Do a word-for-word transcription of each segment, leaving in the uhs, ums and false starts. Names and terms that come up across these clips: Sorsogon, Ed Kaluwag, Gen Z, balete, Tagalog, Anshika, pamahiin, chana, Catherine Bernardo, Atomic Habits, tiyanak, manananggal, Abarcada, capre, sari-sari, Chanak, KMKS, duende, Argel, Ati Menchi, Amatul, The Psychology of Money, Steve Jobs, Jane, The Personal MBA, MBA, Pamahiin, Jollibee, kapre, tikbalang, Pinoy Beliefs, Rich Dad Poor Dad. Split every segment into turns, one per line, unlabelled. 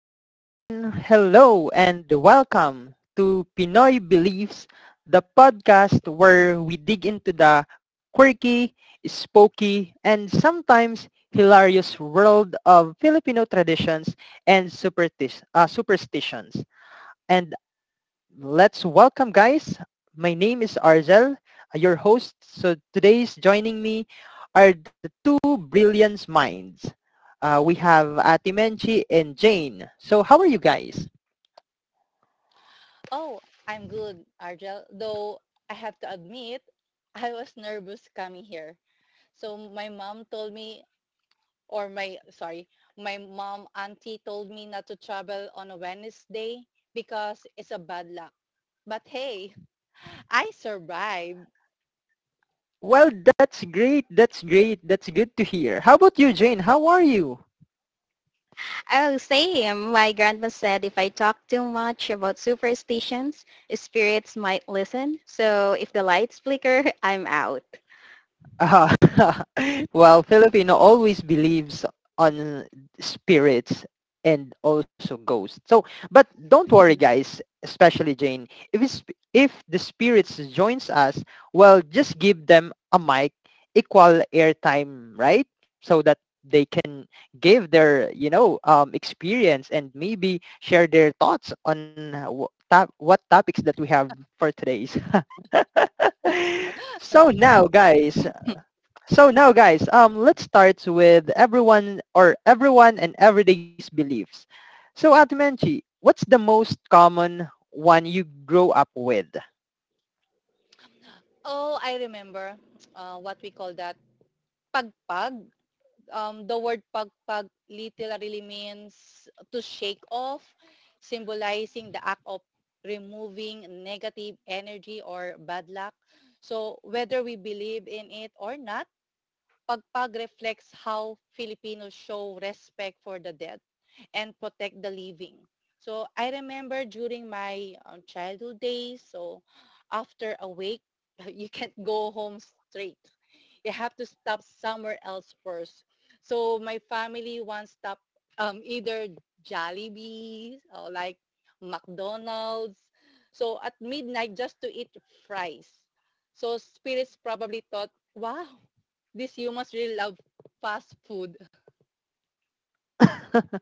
everyone. Hello and welcome to Pinoy Beliefs, the podcast where we dig into the quirky, spooky, and sometimes hilarious world of Filipino traditions and supersti- uh, superstitions. And let's welcome guys. My name is Arzel, uh, your host. So today's joining me are the two brilliant minds. Uh, we have Ati Menchi and Jane. So how are you guys?
Oh, I'm good, Argel. Though I have to admit, I was nervous coming here. So my mom told me, or my, sorry, my mom auntie told me not to travel on a Wednesday because it's a bad luck. But hey, I survived.
Well, that's great. That's great. That's good to hear. How about you, Jane? How are you?
Oh, same. My grandma said if I talk too much about superstitions, spirits might listen. So if the lights flicker, I'm out.
Uh, well, Filipino always believes on spirits and also ghosts. So, but don't worry, guys. Especially Jane, if it's, if the spirits joins us, well, just give them a mic, equal airtime, right? So that they can give their you know um, experience and maybe share their thoughts on uh, wh- top, what topics that we have for today's. so now, guys, so now, guys, um, let's start with everyone or everyone and everyday's beliefs. So, Ate Menchi, what's the most common one you grow up with?
Oh, I remember uh, what we call that. Pagpag. Um, the word pagpag literally means to shake off, symbolizing the act of removing negative energy or bad luck. So whether we believe in it or not, pagpag reflects how Filipinos show respect for the dead and protect the living. So I remember during my um, childhood days, so after a week, you can't go home straight. They have to stop somewhere else first. So my family once stopped um, either Jollibee or like McDonald's, so at midnight just to eat fries. So spirits probably thought, wow, these humans really love fast food.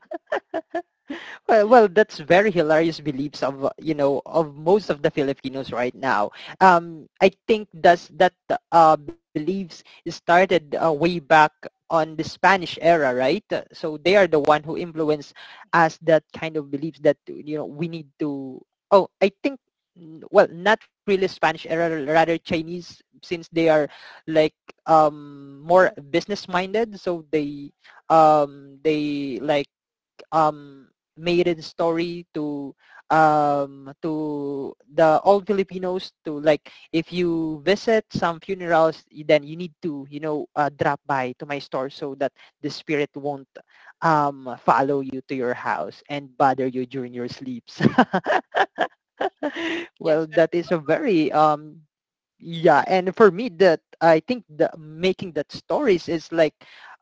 Well, well, that's very hilarious beliefs of uh, you know of most of the Filipinos right now. Um, I think that's that uh, beliefs started uh, way back on the Spanish era, right? Uh, So they are the one who influenced us that kind of beliefs that you know we need to. Oh, I think mm, well, not really Spanish era, rather Chinese, since they are like um more business minded, so they um they like um maiden story to um to the all Filipinos to like if you visit some funerals then you need to you know uh, drop by to my store so that the spirit won't um follow you to your house and bother you during your sleeps. well
Yes,
that is a very um yeah, and for me that I think the making that stories is like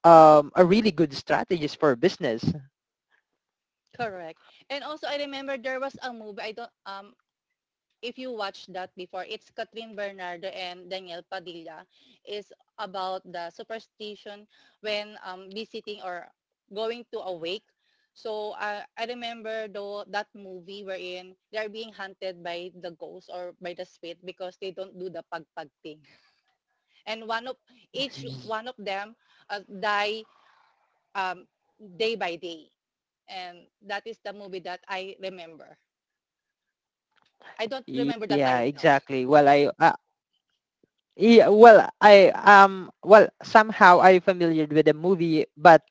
um a really good strategist for business.
correct. And also I remember there was a movie. I don't um if you watch that before, it's Catherine Bernardo and Daniel Padilla is about the superstition when um, visiting or going to a wake. So I I remember though that movie wherein they're being hunted by the ghost or by the spirit because they don't do the pagpag thing. And one of each one of them uh, die um, day by day. And that is the movie that I remember. I don't remember the
Yeah,
title.
exactly. Well, I I yeah, well, I um, well, somehow I'm familiar with the movie, but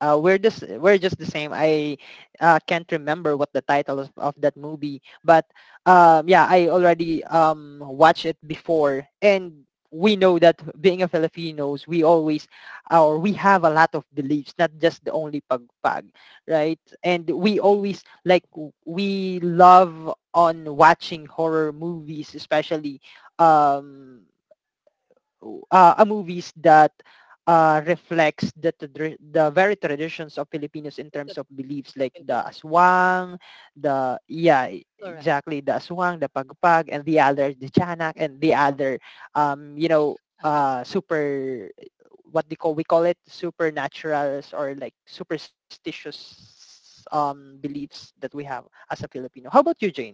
uh, we're just we're just the same. I uh, can't remember what the title of, of that movie, but um, yeah, I already um watched it before, and we know that being a Filipinos, we always or we have a lot of beliefs, not just the only pagpag, right? And we
Mhm.
always like w- we love on watching horror movies, especially um o- uh, a movies that uh, reflects the trad- the very traditions of Filipinos in
It's a
terms of
it's a
beliefs like
Filipino.
the aswang, the yeah e-
Correct.
exactly the aswang, the pagpag, and the other the tiyanak, and the other um you know uh super what they call we call it supernaturals or like superstitious um beliefs that we have as a Filipino. How about you, Jane?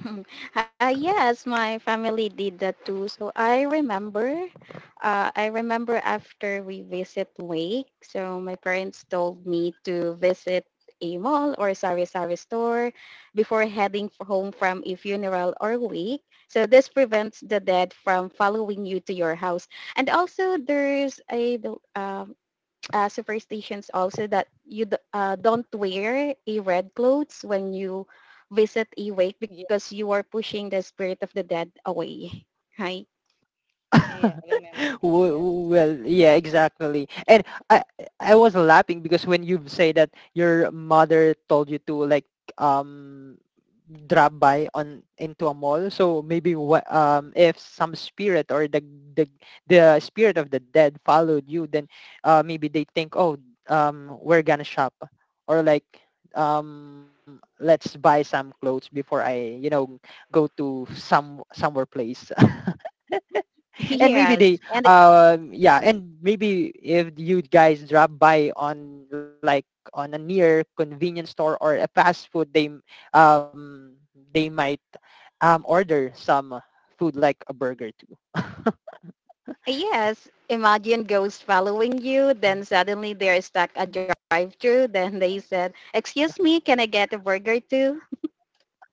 Hmm. Uh, yes, my family did that too. So I remember, uh, I remember after we visit Wake, so my parents told me to visit a mall or sari-sari store before heading f- home from a funeral or wake. So this prevents the dead from following you to your house. And also there's a, um uh, superstitions also that you d- uh, don't wear a red clothes when you visit a wake
Yeah,
because you are pushing the spirit of the dead away. Right?
yeah, I remember that, yes.
W- well, yeah, exactly. And I I was laughing because when you say that your mother told you to like um drop by on into a mall, so maybe what um if some spirit or the the the spirit of the dead followed you, then uh maybe they think, oh, um we're gonna shop or like um let's buy some clothes before I you know go to some somewhere place, and maybe
Yes.
they
And
um yeah and maybe if you guys drop by on like on a near convenience store or a fast food they m- um they might um order some food like a burger too.
uh, Yes, imagine ghosts following you. Then suddenly they're stuck at drive-through. Then they said, excuse me, can I get a burger too?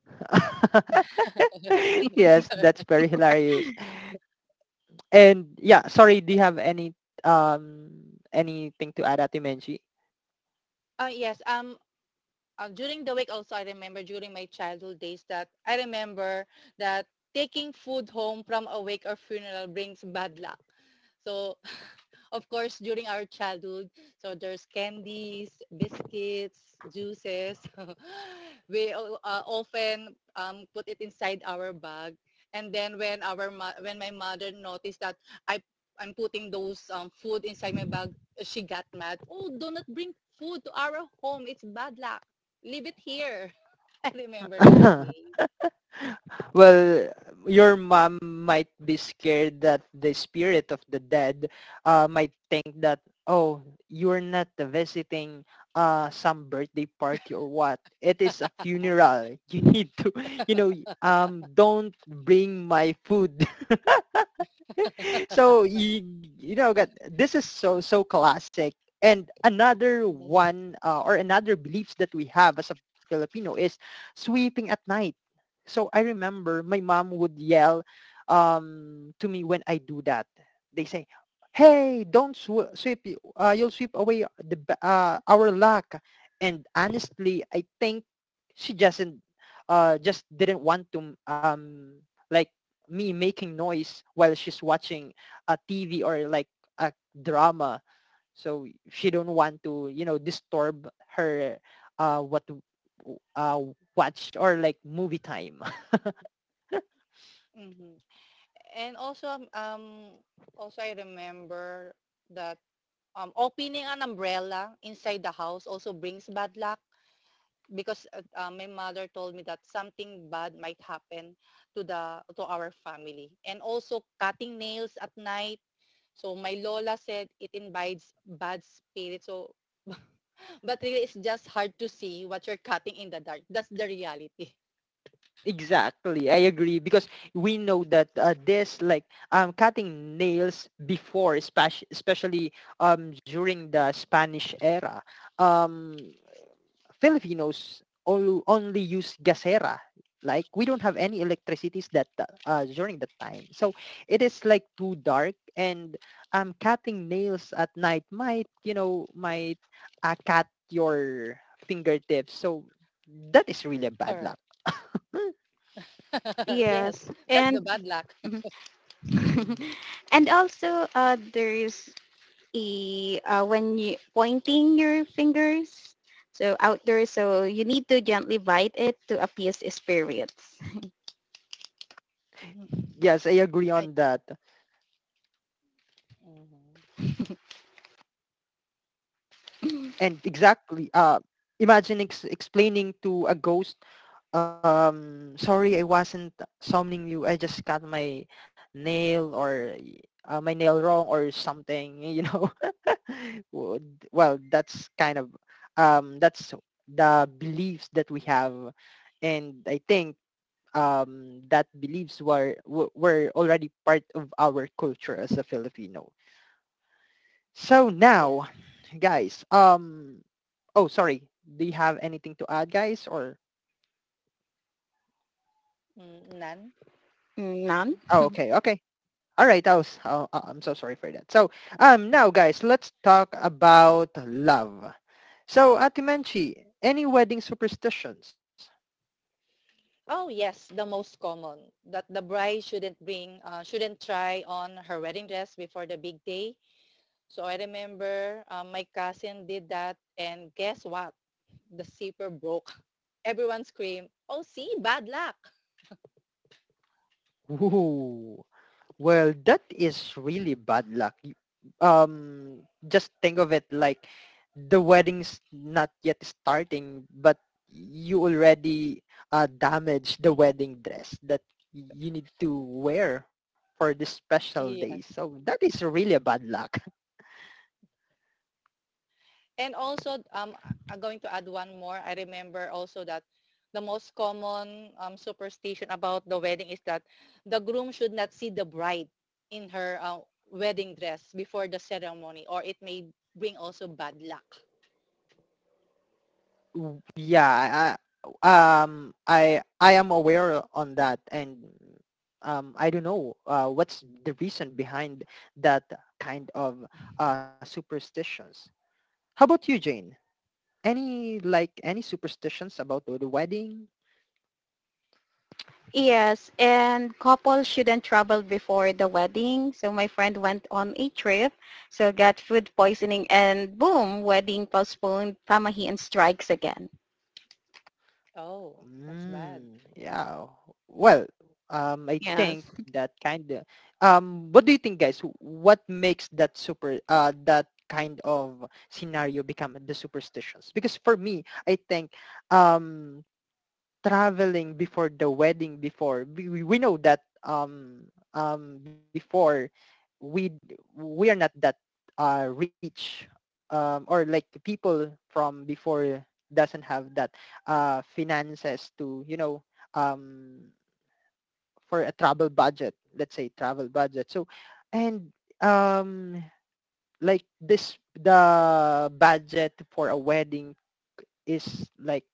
Yes, that's very hilarious. And yeah, sorry, do you have any um anything to add, atimenshi?
Oh, yes, um, um, during the week also I remember during my childhood days that I remember that taking food home from a wake or funeral brings bad luck. So of course during our childhood, so there's candies, biscuits, juices. We uh, uh, often um, put it inside our bag, and then when our mo- when my mother noticed that I I'm putting those um, food inside my bag, she got mad. Oh, do not bring food to our home. It's bad luck. Leave it here. I remember those days.
Well, your mom might be scared that the spirit of the dead uh, might think that, oh, you're not visiting uh, some birthday party or what. It is a
Uh-huh.
funeral. You need to, you know, um, don't bring my food. so you, you know, got this is so so classic. And another
Yes.
one uh, or another beliefs that we have as a Filipino is sweeping at night. So I remember my mom would yell um, to me when I do that. They say, "Hey, don't sw- sweep. Y- Uh, you'll sweep away the ba- uh, our luck." And honestly, I think she doesn't uh, just didn't want to um, like me making noise while she's watching a T V or like a drama. So she don't want to you know disturb her uh, what w- uh, watch or like movie time.
Mhm. And also, um, also I remember that um, opening an umbrella inside the house also brings bad luck because uh, uh, my mother told me that something bad might happen to the to our family. And also cutting nails at night. So my lola said it invites bad spirits. So but really, it's just hard to see what you're cutting in the dark. That's the reality.
Exactly, I agree because we know that uh, this like um, cutting nails before, especially especially um, during the Spanish era, um, Filipinos all, only use gasera. Like we don't have any electricities that uh, uh, during that time, so it is like too dark. And um, cutting nails at night might you know might uh, cut your fingertips, so that is really a bad
Correct.
luck.
Yes,
Yes.
that's
And
the bad luck.
and also uh, there is i- uh, when you pointing your fingers, so outdoors, so you need to gently bite it to appease spirits.
Yes, I agree
I,
on that.
mm-hmm.
And exactly, uh, imagine ex- explaining to a ghost, um, sorry, I wasn't summoning you. I just cut my nail or uh, my nail wrong or something, you know. Would- well, that's kind of, um, that's the beliefs that we have. And I think um, that beliefs were, were were already part of our culture as a Filipino. So now,
Yes.
guys, um, oh, sorry. Do you have anything to add, guys? Or,
Mm, none.
None.
oh, okay, okay. All right, I was, oh, uh, I'm so sorry for that. So, um, now, guys, let's talk about love. So, Atimanchi, any wedding superstitions?
Oh, yes, the most common that the bride shouldn't bring, uh, shouldn't try on her wedding dress before the big day. So I remember uh, my cousin did that, and guess what? The zipper broke. Everyone screamed, "Oh, see, bad luck!"
Ooh. Well, that is really bad luck. Y- Um, just think of it like the wedding's not yet starting, but you already uh, damaged the
Mhm.
wedding dress that y- you need to wear for the special day.
Yes,
So that is really a bad luck.
and also, um, I'm going to add one more. I remember also that the most common um, superstition about the wedding is that the groom should not see the bride in her uh, wedding dress before the ceremony, or it may bring also bad luck.
W- Yeah, I, I- um, I I am aware on that, and um, I don't know uh, what's the reason behind that kind of uh, superstitions. How about you, Jane? Any like any superstitions about the the wedding?
Yes, and couples shouldn't travel before the wedding. So my friend went on a trip, so got food poisoning, and boom, wedding postponed. Pamahiin strikes again.
Oh, that's bad.
Mm, yeah. Well, um, I
Yes.
think that kind of. Um, what do you think, guys? What makes that super uh that kind of scenario become the superstitions? Because for me, I think um traveling before the wedding before we, we know that um um before we we are not that uh rich um or like people from before doesn't have that uh finances to you know um for a travel budget, let's say travel budget, so and um like this the budget for a wedding is like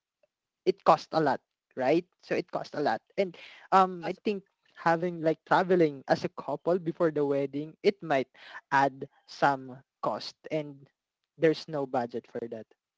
it cost a lot, right? So it cost a lot. And um
As,
I think having like traveling as a couple before the wedding, it might add some cost and there's no budget for that.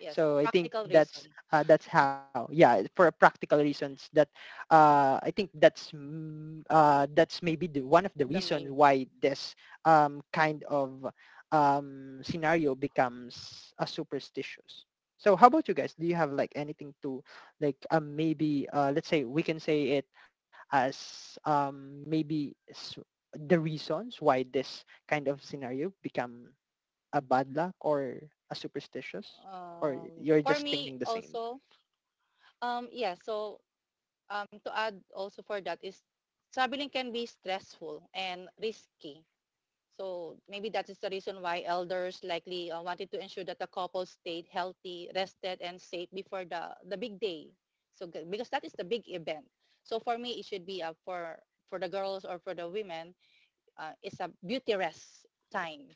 yes,
So I
practical
think
reason,
that's uh, that's how. Yeah, for practical reasons that uh, I think that's mm, uh, that's maybe the, one
the
of the
main.
reasons why this um, kind of um, scenario becomes a superstitious. So how about you guys? Do you have like anything to like um, maybe uh, let's say we can say it as um, maybe s- the reasons why this kind of scenario become a bad luck or a superstitious or
Um,
you're
for
just
me
thinking the same.
also, um, yeah, so um, to add also for that is traveling can be stressful and risky. So maybe that is the reason why elders likely uh, wanted to ensure that the couple stayed healthy, rested, and safe before the, the big day. So because that is the big event. So for me, it should be uh, for for the girls or for the women, uh, it's a beauty rest time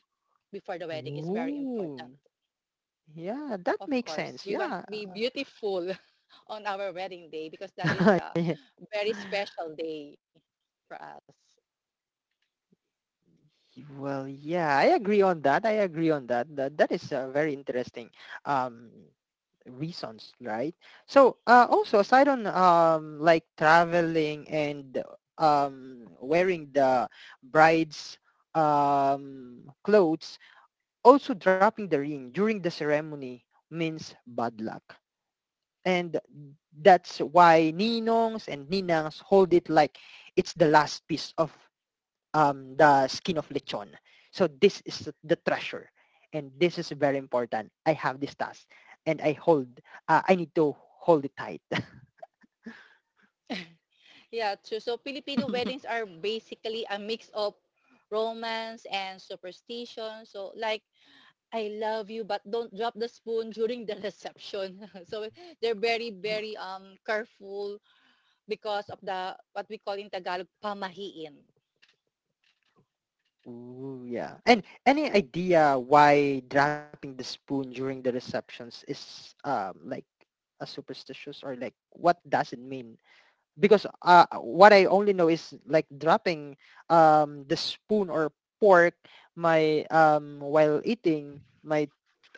before the wedding. It's very important.
Ooh. Yeah,
Of
that makes
course, we want
sense.
to be
Yeah.
beautiful on our wedding day because that is the very special day for us.
well, yeah, I agree on that. I agree on that. That that is a very interesting um reasons, right? So, uh, also aside on um like traveling and um wearing the bride's um clothes. Also, dropping the ring during the ceremony means bad luck. And that's why ninongs and ninangs hold it like it's the last piece of um, the skin of lechon. So this is the treasure. And this is very important. I have this task and I hold, uh, I need to hold it tight.
Yeah, true. So Filipino weddings are basically a mix of romance and superstition. So like, I love you but don't drop the spoon during the reception. So they're very, very um careful because of the what we call in Tagalog pamahiin.
Ooh, yeah. And any idea why dropping the spoon during the receptions is um like a superstitious or like what does it mean? Because uh what I only know is like dropping um the spoon or pork my um while eating my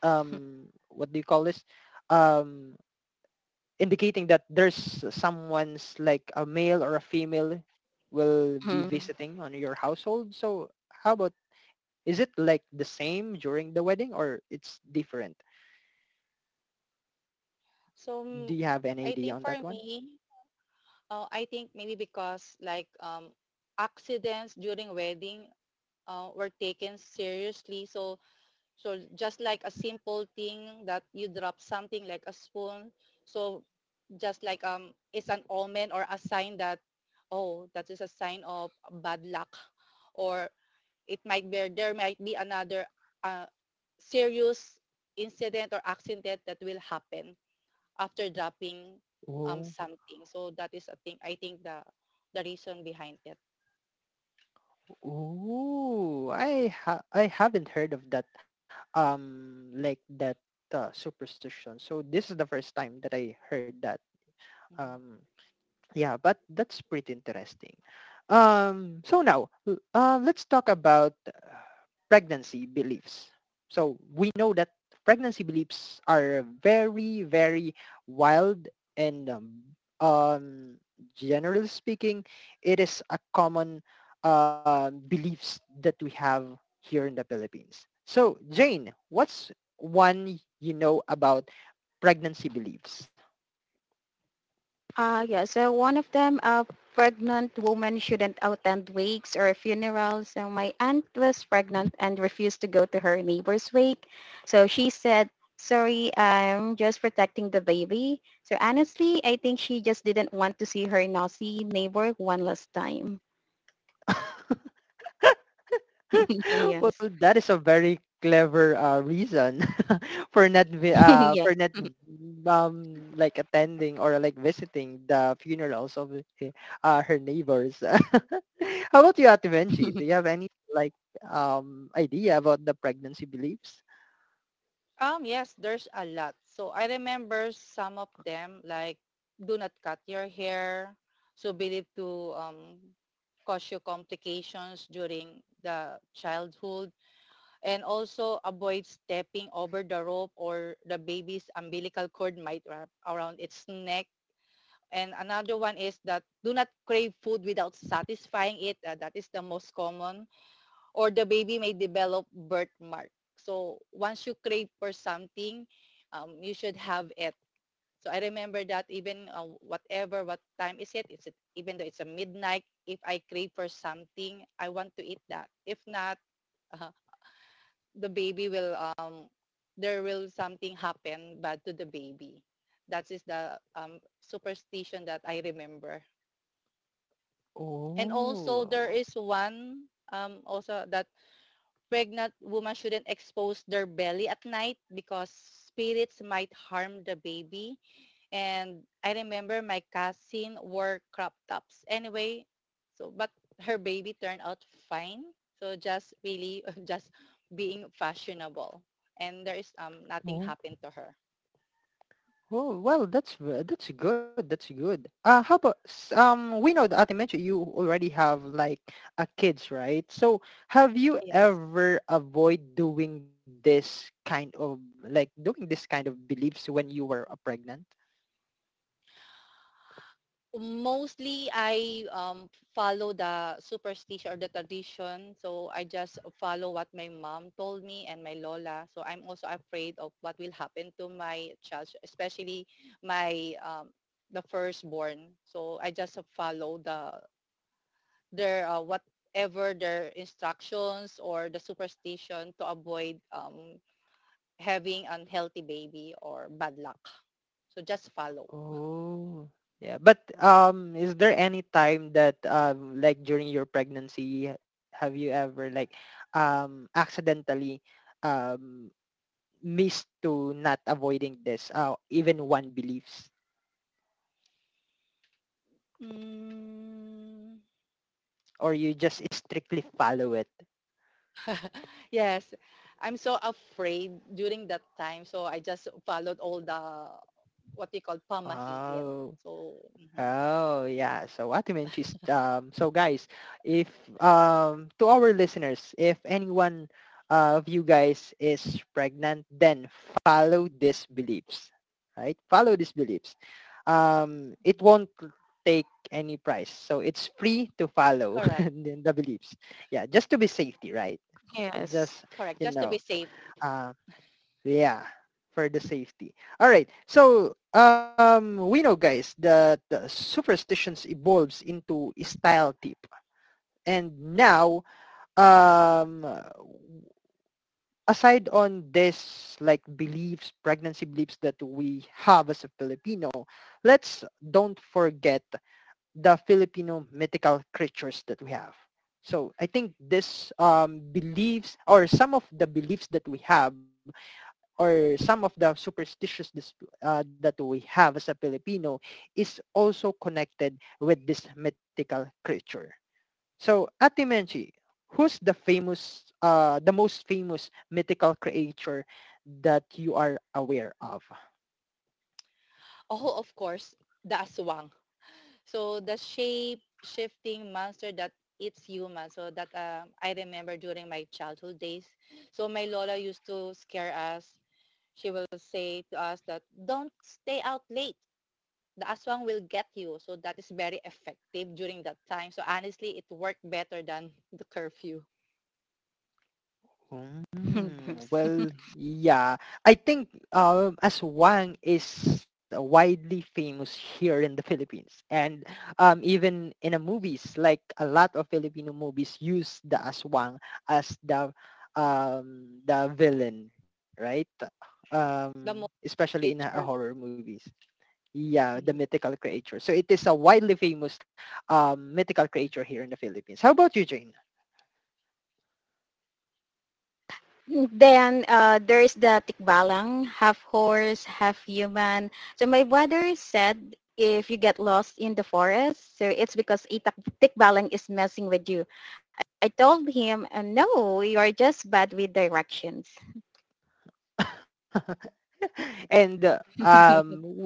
um what do you call this? Um indicating that there's someone's like a male or a female will be visiting on your household. So how about is it like the same during the wedding or it's different?
So
Do you
mm,
have any idea
I
on that
think
one?
for me, uh, I think maybe because like um accidents during wedding uh, were taken seriously. So So just like a simple thing that you drop something like a spoon. So just like um it's an omen or a sign that, oh, that is a sign of bad luck, or it might be, there might be another uh, serious incident or accident that will happen after dropping
Oh,
um something. So that is a thing I think the the reason behind it.
oh, I ha- I haven't heard of that um like that uh, superstition. So this is the first time that I heard that.
Mhm.
Um Yeah, but that's pretty interesting. Um, so now, l- uh, let's talk about uh, pregnancy beliefs. So we know that pregnancy beliefs are very, very wild and um, um, generally speaking, it is a common uh, beliefs that we have here in the Philippines. So Jane, what's one you know about pregnancy beliefs?
Uh, yeah, so one of them, uh, pregnant women shouldn't attend wakes or funerals. So my aunt was pregnant and refused to go to her neighbor's wake. So she said, sorry, I'm just protecting the baby. So honestly, I think she just didn't want to see her nosy neighbor one last time.
Well,
Yes.
that is a very clever uh, reason for not vi- uh, for
Yes.
not um like attending or like visiting the funerals of h- uh, her neighbors. How about you, Ate Benji? Do you have any like um idea about the pregnancy beliefs?
Um, yes, there's a lot. So I remember some of them like, do not cut your hair. So believed to um, cause you complications during the childhood, and also avoid stepping over the rope or the baby's umbilical cord might wrap around its neck. And another one is that do not crave food without satisfying it. Uh, that is the most common, or the baby may develop birthmark. So once you crave for something, um, you should have it. So I remember that even uh, whatever, what time is it, it's even though it's a midnight, if I crave for something, I want to eat that. If not, uh, the baby will, um, there will something happen bad to the baby. That is the um, superstition that I remember. And also there
Oh,
is one um, also that pregnant woman shouldn't expose their belly at night because spirits might harm the baby. And I remember my cousin wore crop tops anyway, so, but her baby turned out fine. So just really just being fashionable. And there is um nothing
oh.
happened to her.
Oh, well, that's v- that's good. That's good. Uh, how about s- um, we know that I mentioned you already have like a kids, right? So have you
Yes.
ever avoid doing this kind of like doing this kind of beliefs when you were uh, pregnant?
Mostly I um, follow the superstition or the tradition. So I just follow what my mom told me and my lola. So I'm also afraid of what will happen to my child, especially my um, the firstborn. So I just follow the their uh, whatever their instructions or the superstition to avoid um, having unhealthy baby or bad luck. So just follow.
Oh, yeah. But um, is there any time that um, like during your pregnancy, have you ever like um accidentally um miss to not avoiding this uh, even one beliefs,
Mm,
or you just strictly follow it?
Yes. I'm so afraid during that time. So I just followed all the what we call pamahiin.
Oh,
So mhm,
oh, yeah, so what you mentioned is, um so guys, if um to our listeners, if anyone uh, of you guys is pregnant, then follow these beliefs, right? Follow these beliefs. Um it
mhm.
won't take any price, so it's free to follow
Correct.
the beliefs. Yeah, just to be safety, right?
Yes.
Just,
Correct.
you
Just to be
know,
safe.
uh yeah, for the safety. All right, so um we know, guys, that uh, superstitions evolves into style tip. And now, um aside on this like beliefs, pregnancy beliefs, that we have as a Filipino, let's don't forget the Filipino mythical creatures that we have. So I think this um beliefs or some of the beliefs that we have, or some of the superstitious dis- uh, that we have as a Filipino, is also connected with this mythical creature. So, Ate Menchi, who's the famous, uh, the most famous mythical creature that you are aware of?
Oh, of course, the aswang. So the shape shifting monster that eats human. So that um, I remember during my childhood days. So my Lola used to scare us. She will say to us that don't stay out late. The aswang will get you. So that is very effective during that time. So honestly, it worked better than the curfew.
Mm, well, yeah. I think um, aswang is widely famous here in the Philippines, and um, even in a movies, like a lot of Filipino movies use the aswang as the um, the villain, right?
The
Um,
most
especially in uh,
creatures.
horror movies. Yeah, the
Mhm,
mythical creature. So it is a widely famous um, mythical creature here in the Philippines. How about you, Jane?
Then uh, There is the tikbalang, half horse, half human. So my brother said if you get lost in the forest, so it's because a tak- tikbalang is messing with you. I told him, uh, no, you are just bad with directions.
and uh, um
The
w-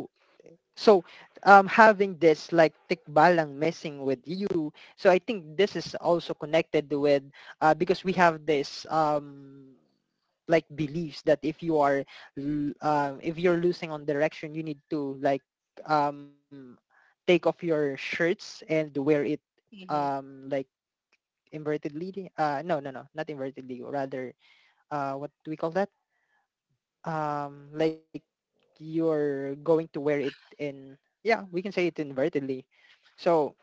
so um having this like tikbalang messing with you, so I think this is also connected with, uh, because we have this um like beliefs that if you are l- um if you're losing on direction, you need to like um take off your shirts and wear it
mhm.
um like invertedly. Uh, no, no, no, not invertedly, rather, uh, what do we call that, um like you're going to wear it in. Yeah, we can say it invertedly. So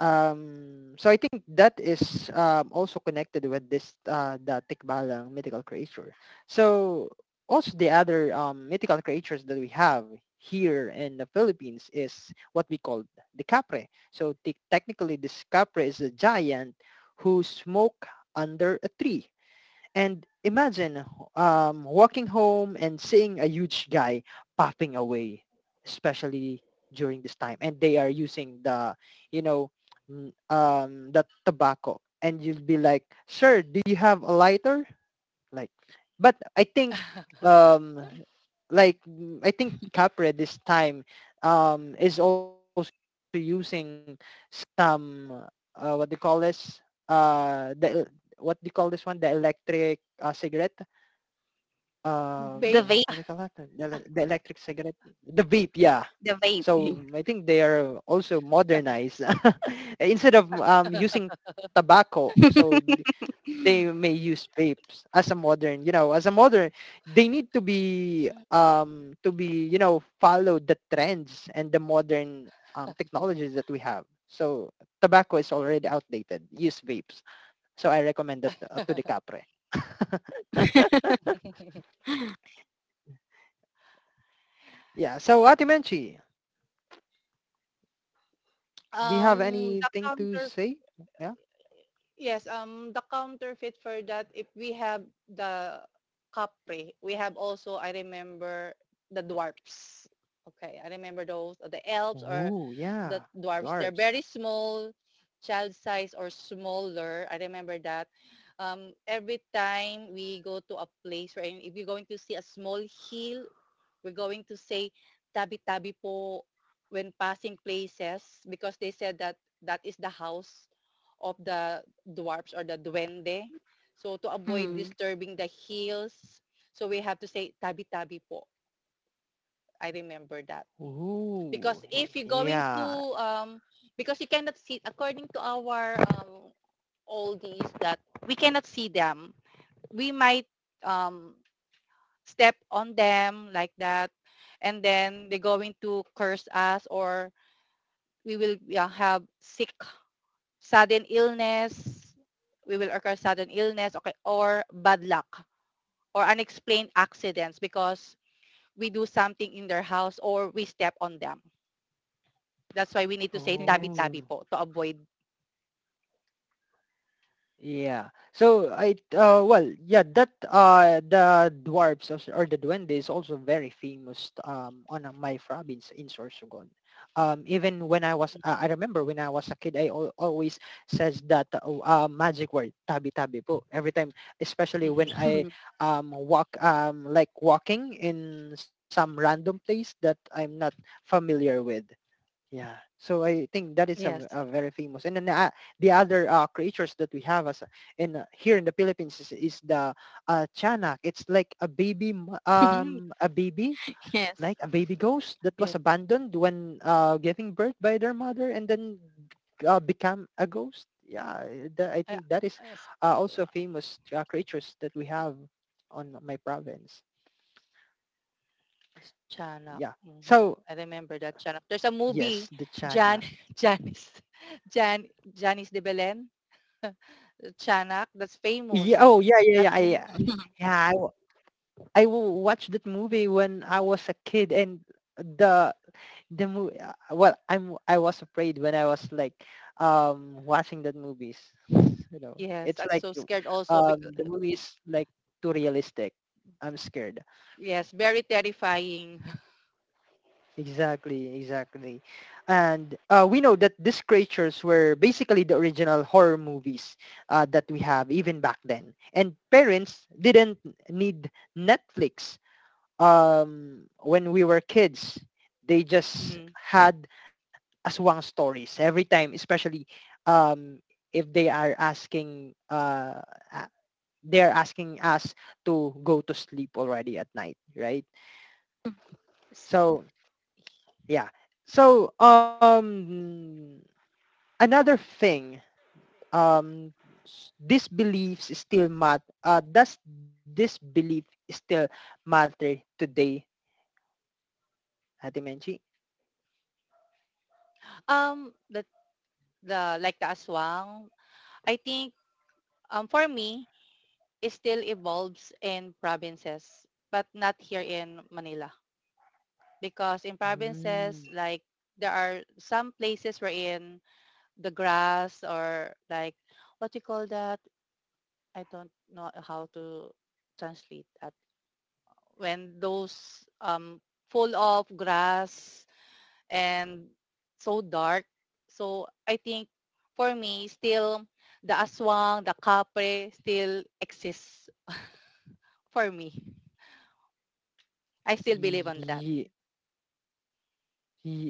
um so I think that is um also connected with this uh the tikbalang mythical creature. So also the other um mythical creatures that we have here in the Philippines is what we call the capre. So te- technically, this capre is a giant who smoke under a tree. And imagine um, walking home and seeing a huge guy popping away, especially during this time. And they are using the, you know, n- um, the tobacco. And you'll be like, sir, do you have a lighter? Like, but I think um like mm, I think capre this time um is also using some uh, what they call this, uh the, what they call this one, the electric uh, cigarette,
Vape.
um
vape,
what do you call that, the, ele- the electric cigarette, the vape, yeah.
the vape.
So I think they are also modernized instead of um using tobacco. So they may use vapes as a modern, you know, as a modern, they need to be um to be, you know, follow the trends and the modern um technologies that we have. So tobacco is already outdated. Use vapes. So I recommend that, uh, to the capre. Yeah. So Ate Menchi, do you have
um, the
anything to
counter
say? Yeah.
Yes, um, the counterfeit for that, if we have the Capri, we have also, I remember, the dwarfs. Okay, I remember those, the elves or
Ooh,
the
yeah.
dwarfs. They're very
Dwarves.
small, child size or smaller. I remember that. Um, every time we go to a place where if you're going to see a small hill, we're going to say tabi-tabi po when passing places because they said that that is the house of the dwarfs or the duende. So to avoid
Mm,
disturbing the heels, so we have to say tabi-tabi po. I remember that. Because
Ooh,
if you're going to,
yeah.
um, because you cannot see, according to our um, oldies, that we cannot see them. We might um, step on them like that. And then they're going to curse us, or we will, yeah, have sick sudden illness, we will occur sudden illness, okay, or bad luck or unexplained accidents because we do something in their house or we step on them. That's why we need to say
yes.
tabi-tabi
Ooh.
po to avoid.
Yeah. So I, uh well, yeah, that, uh the dwarves also, or the duende is also very famous um on uh, my province in Sorsogon. Um, even when I was uh, I remember when I was a kid, I al- always says that uh, uh, magic word tabi tabi po every time, especially when
Mhm.
I um walk, um like walking in some random place that I'm not familiar with. Yeah. So I think that is a, v-
Yes.
a very famous. And then uh, the other uh, creatures that we have as in, uh, here in the Philippines is, is the uh, Chanak. It's like a baby, m-
Hmm.
um, a baby,
Yes.
like a baby ghost that was
Yes.
abandoned when uh, giving birth by their mother and then uh, become a ghost. Yeah, eh, that, I
Uh,
think that is
yes.
uh, also famous uh, creatures that we have on my province.
Yes.
Yeah.
Chanak. Mhm.
So
I remember that Chanak. There's a
yes,
movie,
the
Jan,
Chanak.
Janice, Jan, Janice de Belen, Chanak. That's
Yeah.
famous.
Oh, yeah, yeah,
That
yeah. I,
movie.
yeah, I w- watched that movie when I was a kid, and the the movie. Well, I'm I was afraid when I was like um watching that movies. You know,
Yes. I'm
it's like
so scared also because
um the movie is like too realistic. I'm scared.
yes, very terrifying.
Exactly, exactly. And uh, we know that these creatures were basically the original horror movies uh, that we have even back then. And parents didn't need Netflix um, when we were kids, they just
Mhm.
had aswang stories every time, especially um, if they are asking, uh, a- they're asking us to go to sleep already at night, right? So yeah. So um, another thing, um, s- these beliefs still mat. Uh, does this belief still matter today, Ate Menchi?
Um, the the like the aswang, I think um for me it still evolves in provinces, but not here in Manila because in provinces like there are some places wherein the grass or like what you call that, I don't know how to translate that, when those um full of grass and so dark. So I think for me, still the aswang, the kapre still exists for me. I still believe on that.
Ye-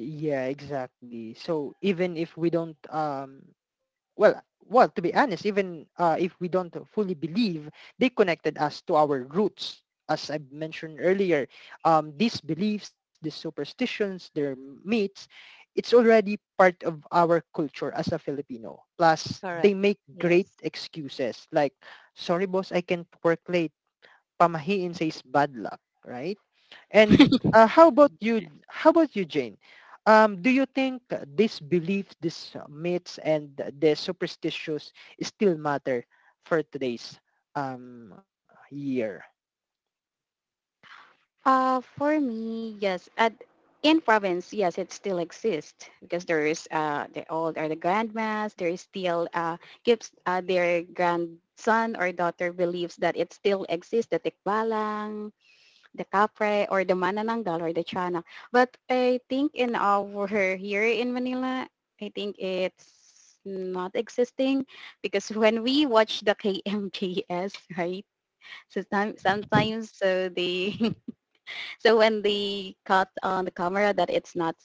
ye- yeah, exactly. So even if we don't um well well, to be honest, even uh if we don't fully believe, they connected us to our roots. As I mentioned earlier, um these beliefs, these superstitions, their myths, it's already part of our culture as a Filipino. Plus,
Correct.
they make great
Yes.
excuses like, sorry boss, I can't work late. Pamahiin says bad luck, right? And uh, how about
Mhm.
you? How about you, Jane? Um, do you think uh, these beliefs, these uh, myths, and uh, the superstitions still matter for today's um, year?
Uh, for me, yes. At, in province, yes, it still exists because there is uh, the old or the grandmas. There is still uh, gives uh, their grandson or daughter believes that it still exists, the tikbalang, the kapre, or the manananggal or the chana. But I think in our here in Manila, I think it's not existing because when we watch the K M K S, right? So some, sometimes so they So when they caught on the camera that it's not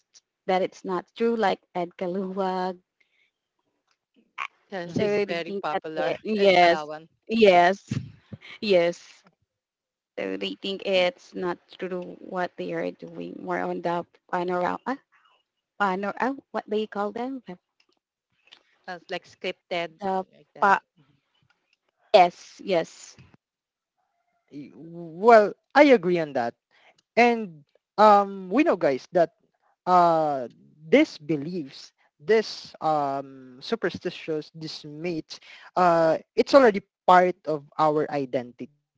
that it's not true, like Ed Kaluwag,
Yeah,
so
she's
Mhm.
they
very
think that
popular
it,
at
yes,
Kalawan.
yes, yes. So they think it's not true what they are doing. More on the panorama, ah, panor, ah, what they call them, the
That's like scripted like that.
pa- yes, yes.
Y- Well, I agree on that. And um, we know, guys, that uh, these beliefs, this um, superstitions, these myths, uh, it's already part of our identity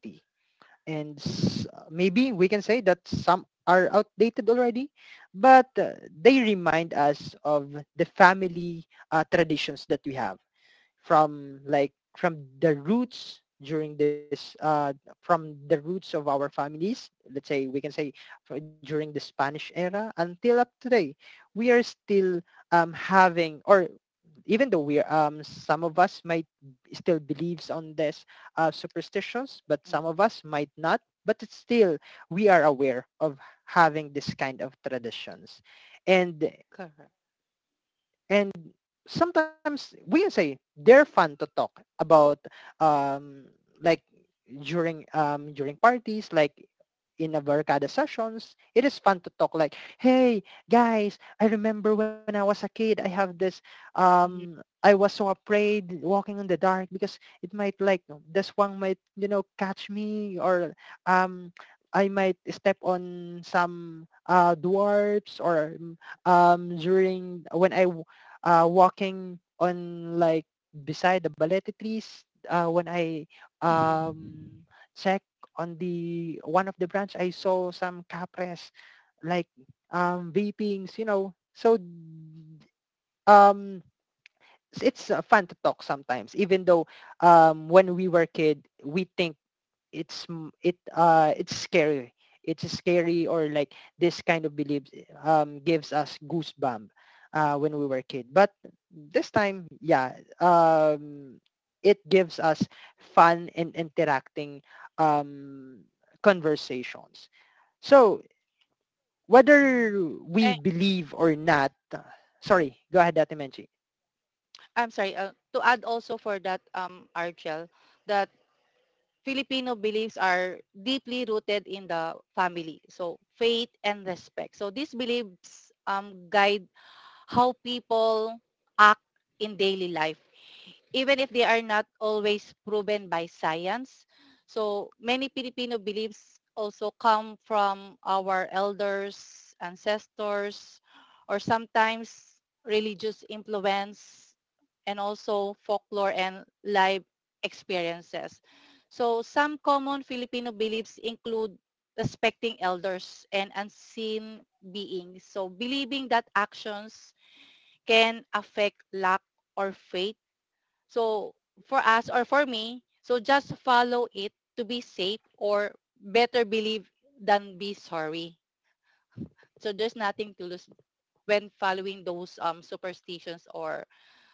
and s- uh, maybe we can say that some are outdated already, but uh, they remind us of the family uh, traditions that we have from like from the roots during this uh, from the roots of our families. Let's say we can say fro- during the Spanish era until up today, we are still um, having, or even though we um some of us might still believes on this uh, superstitions, but some of
Mm-hmm.
us might not, but it's still we are aware of having this kind of traditions, and
Correct.
and sometimes we can say they're fun to talk about. um like during um during parties, like in Abarcada sessions, it is fun to talk like, hey guys, I remember when I was a kid, I have this,
Mhm,
um, I was so afraid walking in the dark because it might like, this one might, you know, catch me, or um, I might step on some uh, dwarfs, or um, during when I uh, walking on like beside the balete trees. Uh, when I
mhm,
um, check on the one of the branch, I saw some capres like, um, vapings, you know. So um, it's uh, fun to talk sometimes, even though um, when we were kid, we think it's m- it uh it's scary, it's scary, or like this kind of beliefs um gives us goosebump uh when we were a kid, but this time, yeah, um it gives us fun and interacting um conversations. So whether
mhm.
we
Eh,
believe or not, sorry, go ahead, Ate Menchie.
I'm sorry. Uh, to add also for that, um, Archel, that Filipino beliefs are deeply rooted in the family. So faith and respect. So these beliefs um, guide how people act in daily life even if they are not always proven by science. So many Filipino beliefs also come from our elders, ancestors, or sometimes religious influence and also folklore and life experiences. So some common Filipino beliefs include respecting elders and unseen beings. So believing that actions can affect luck or fate, so for us or for me, so just follow it to be safe, or better believe than be sorry. So there's nothing to lose when following those um, superstitions or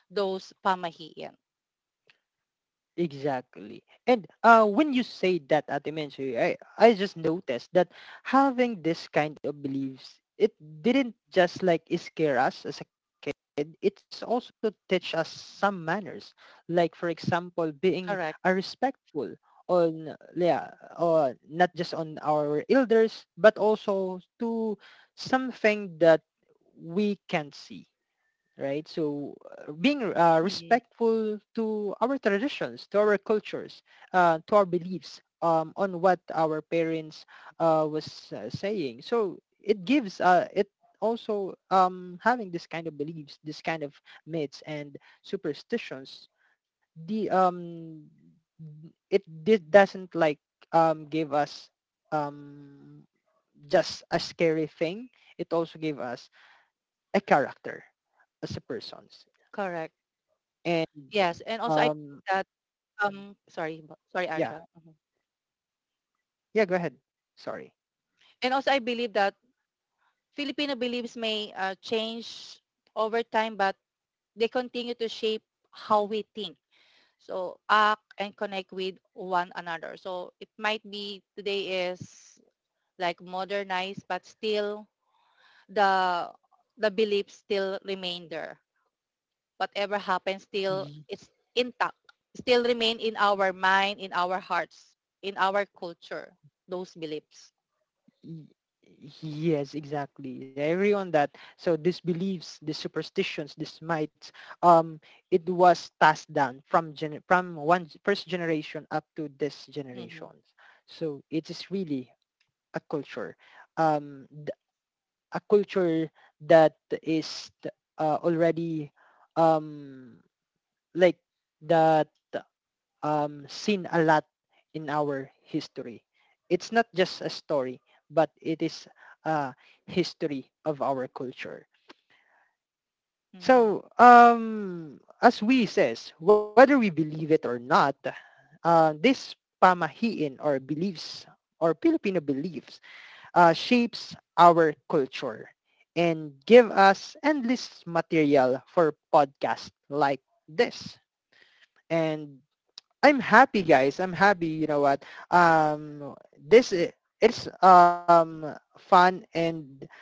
those pamahiin.
Exactly. And uh, when you say that, Ate Menchi, I, I just noticed that having this kind of beliefs, it didn't just like scare us as a kid. It's also teach us some manners. Like, for example, being
Correct.
uh, respectful on, yeah,
Mm-hmm.
or not just on our elders, but also to something that we can see, right? So uh, being uh,
Mm-hmm.
respectful to our traditions, to our cultures, uh, to our beliefs, um, on what our parents uh, was uh, saying. So it gives, uh, it also, um, having this kind of beliefs, this kind of myths and superstitions. The um, It did doesn't like um, give us um, just a scary thing. It also gave us a character as a person.
Correct.
And
Yes. And also I
um,
believe that, Um, sorry, b- sorry,
yeah,
Arja. Mhm.
yeah. Go ahead. Sorry.
And also, I believe that Filipino beliefs may uh, change over time, but they continue to shape how we think. So act and connect with one another. So it might be today is like modernized, but still the the beliefs still remain there. Whatever happens, still
Y-
it's intact. Still remain in our mind, in our hearts, in our culture. Those beliefs.
y- Yes, exactly. I agree on that. So these beliefs, these superstitions, these mites, um, it was passed down from gen from one first generation up to this
Hmm.
generations. So it is really a culture, um, th- a culture that is uh, already um like that. Um, seen a lot in our history. It's not just a story, but it is a history of our culture.
Hmm.
So, um, as we says, whether we believe it or not, uh, this pamahiin or beliefs or Filipino beliefs uh, shapes our culture and give us endless material for podcasts like this. And I'm happy, guys. I'm happy. You know what? Um, this i- it's um fun and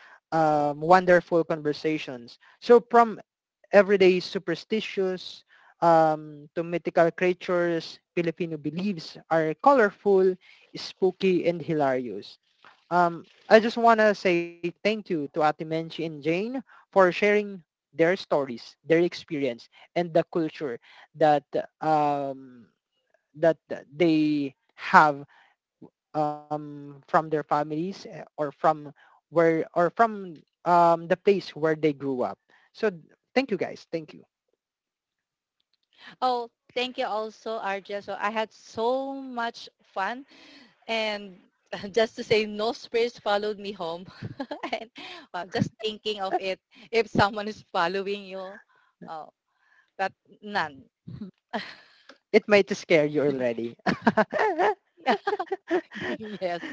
um wonderful conversations. So from everyday superstitious um to mythical creatures, Filipino beliefs are colorful, spooky, and hilarious. Um, I just wanna say thank you to Ate Menchi and Jane for sharing their stories, their experience, and the culture that um that they have, um, from their families, eh, or from where, or from um, the place where they grew up. So thank you guys. Thank you.
Oh, thank you also, Arja. So I had so much fun, and just to say no spirits followed me home. And well, just thinking of it, if someone is following you, oh, but none.
It might scare you already.
Yes.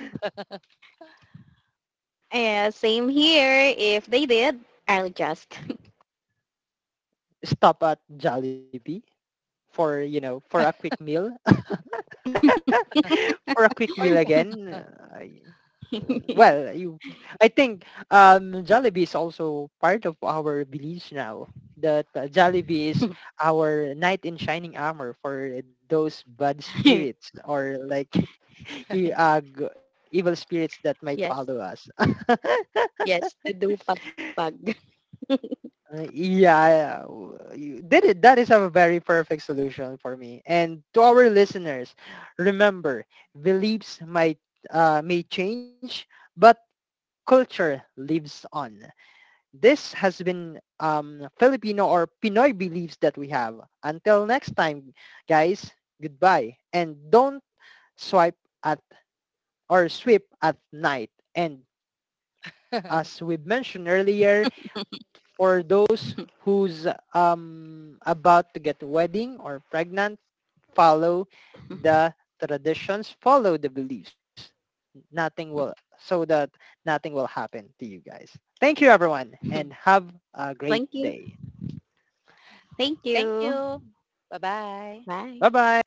Yeah, same here. If they did, I'll just.
Stop at Jollibee for, you know, for a quick meal. For a quick meal
Or
again, I, well, you, I think um, Jollibee is also part of our beliefs now. That uh, Jollibee is our knight in shining armor for those bad spirits, or like you, uh, g- evil spirits that might follow
Yes,
us.
yes, to do pag pag.
Uh, yeah, w- you- that is, that is a very perfect solution for me. And to our listeners, remember, beliefs might uh, may change, but culture lives on. This has been um, Filipino or Pinoy beliefs that we have. Until next time, guys, goodbye. And don't swipe at or sweep at night. And as we mentioned earlier, for those who's um, about to get a wedding or pregnant, follow the traditions, follow the beliefs. Nothing will, so that nothing will happen to you guys. Thank you everyone and have a great
Thank you.
day.
Thank
thank
you.
you. Bye-bye.
Bye.
Bye-bye.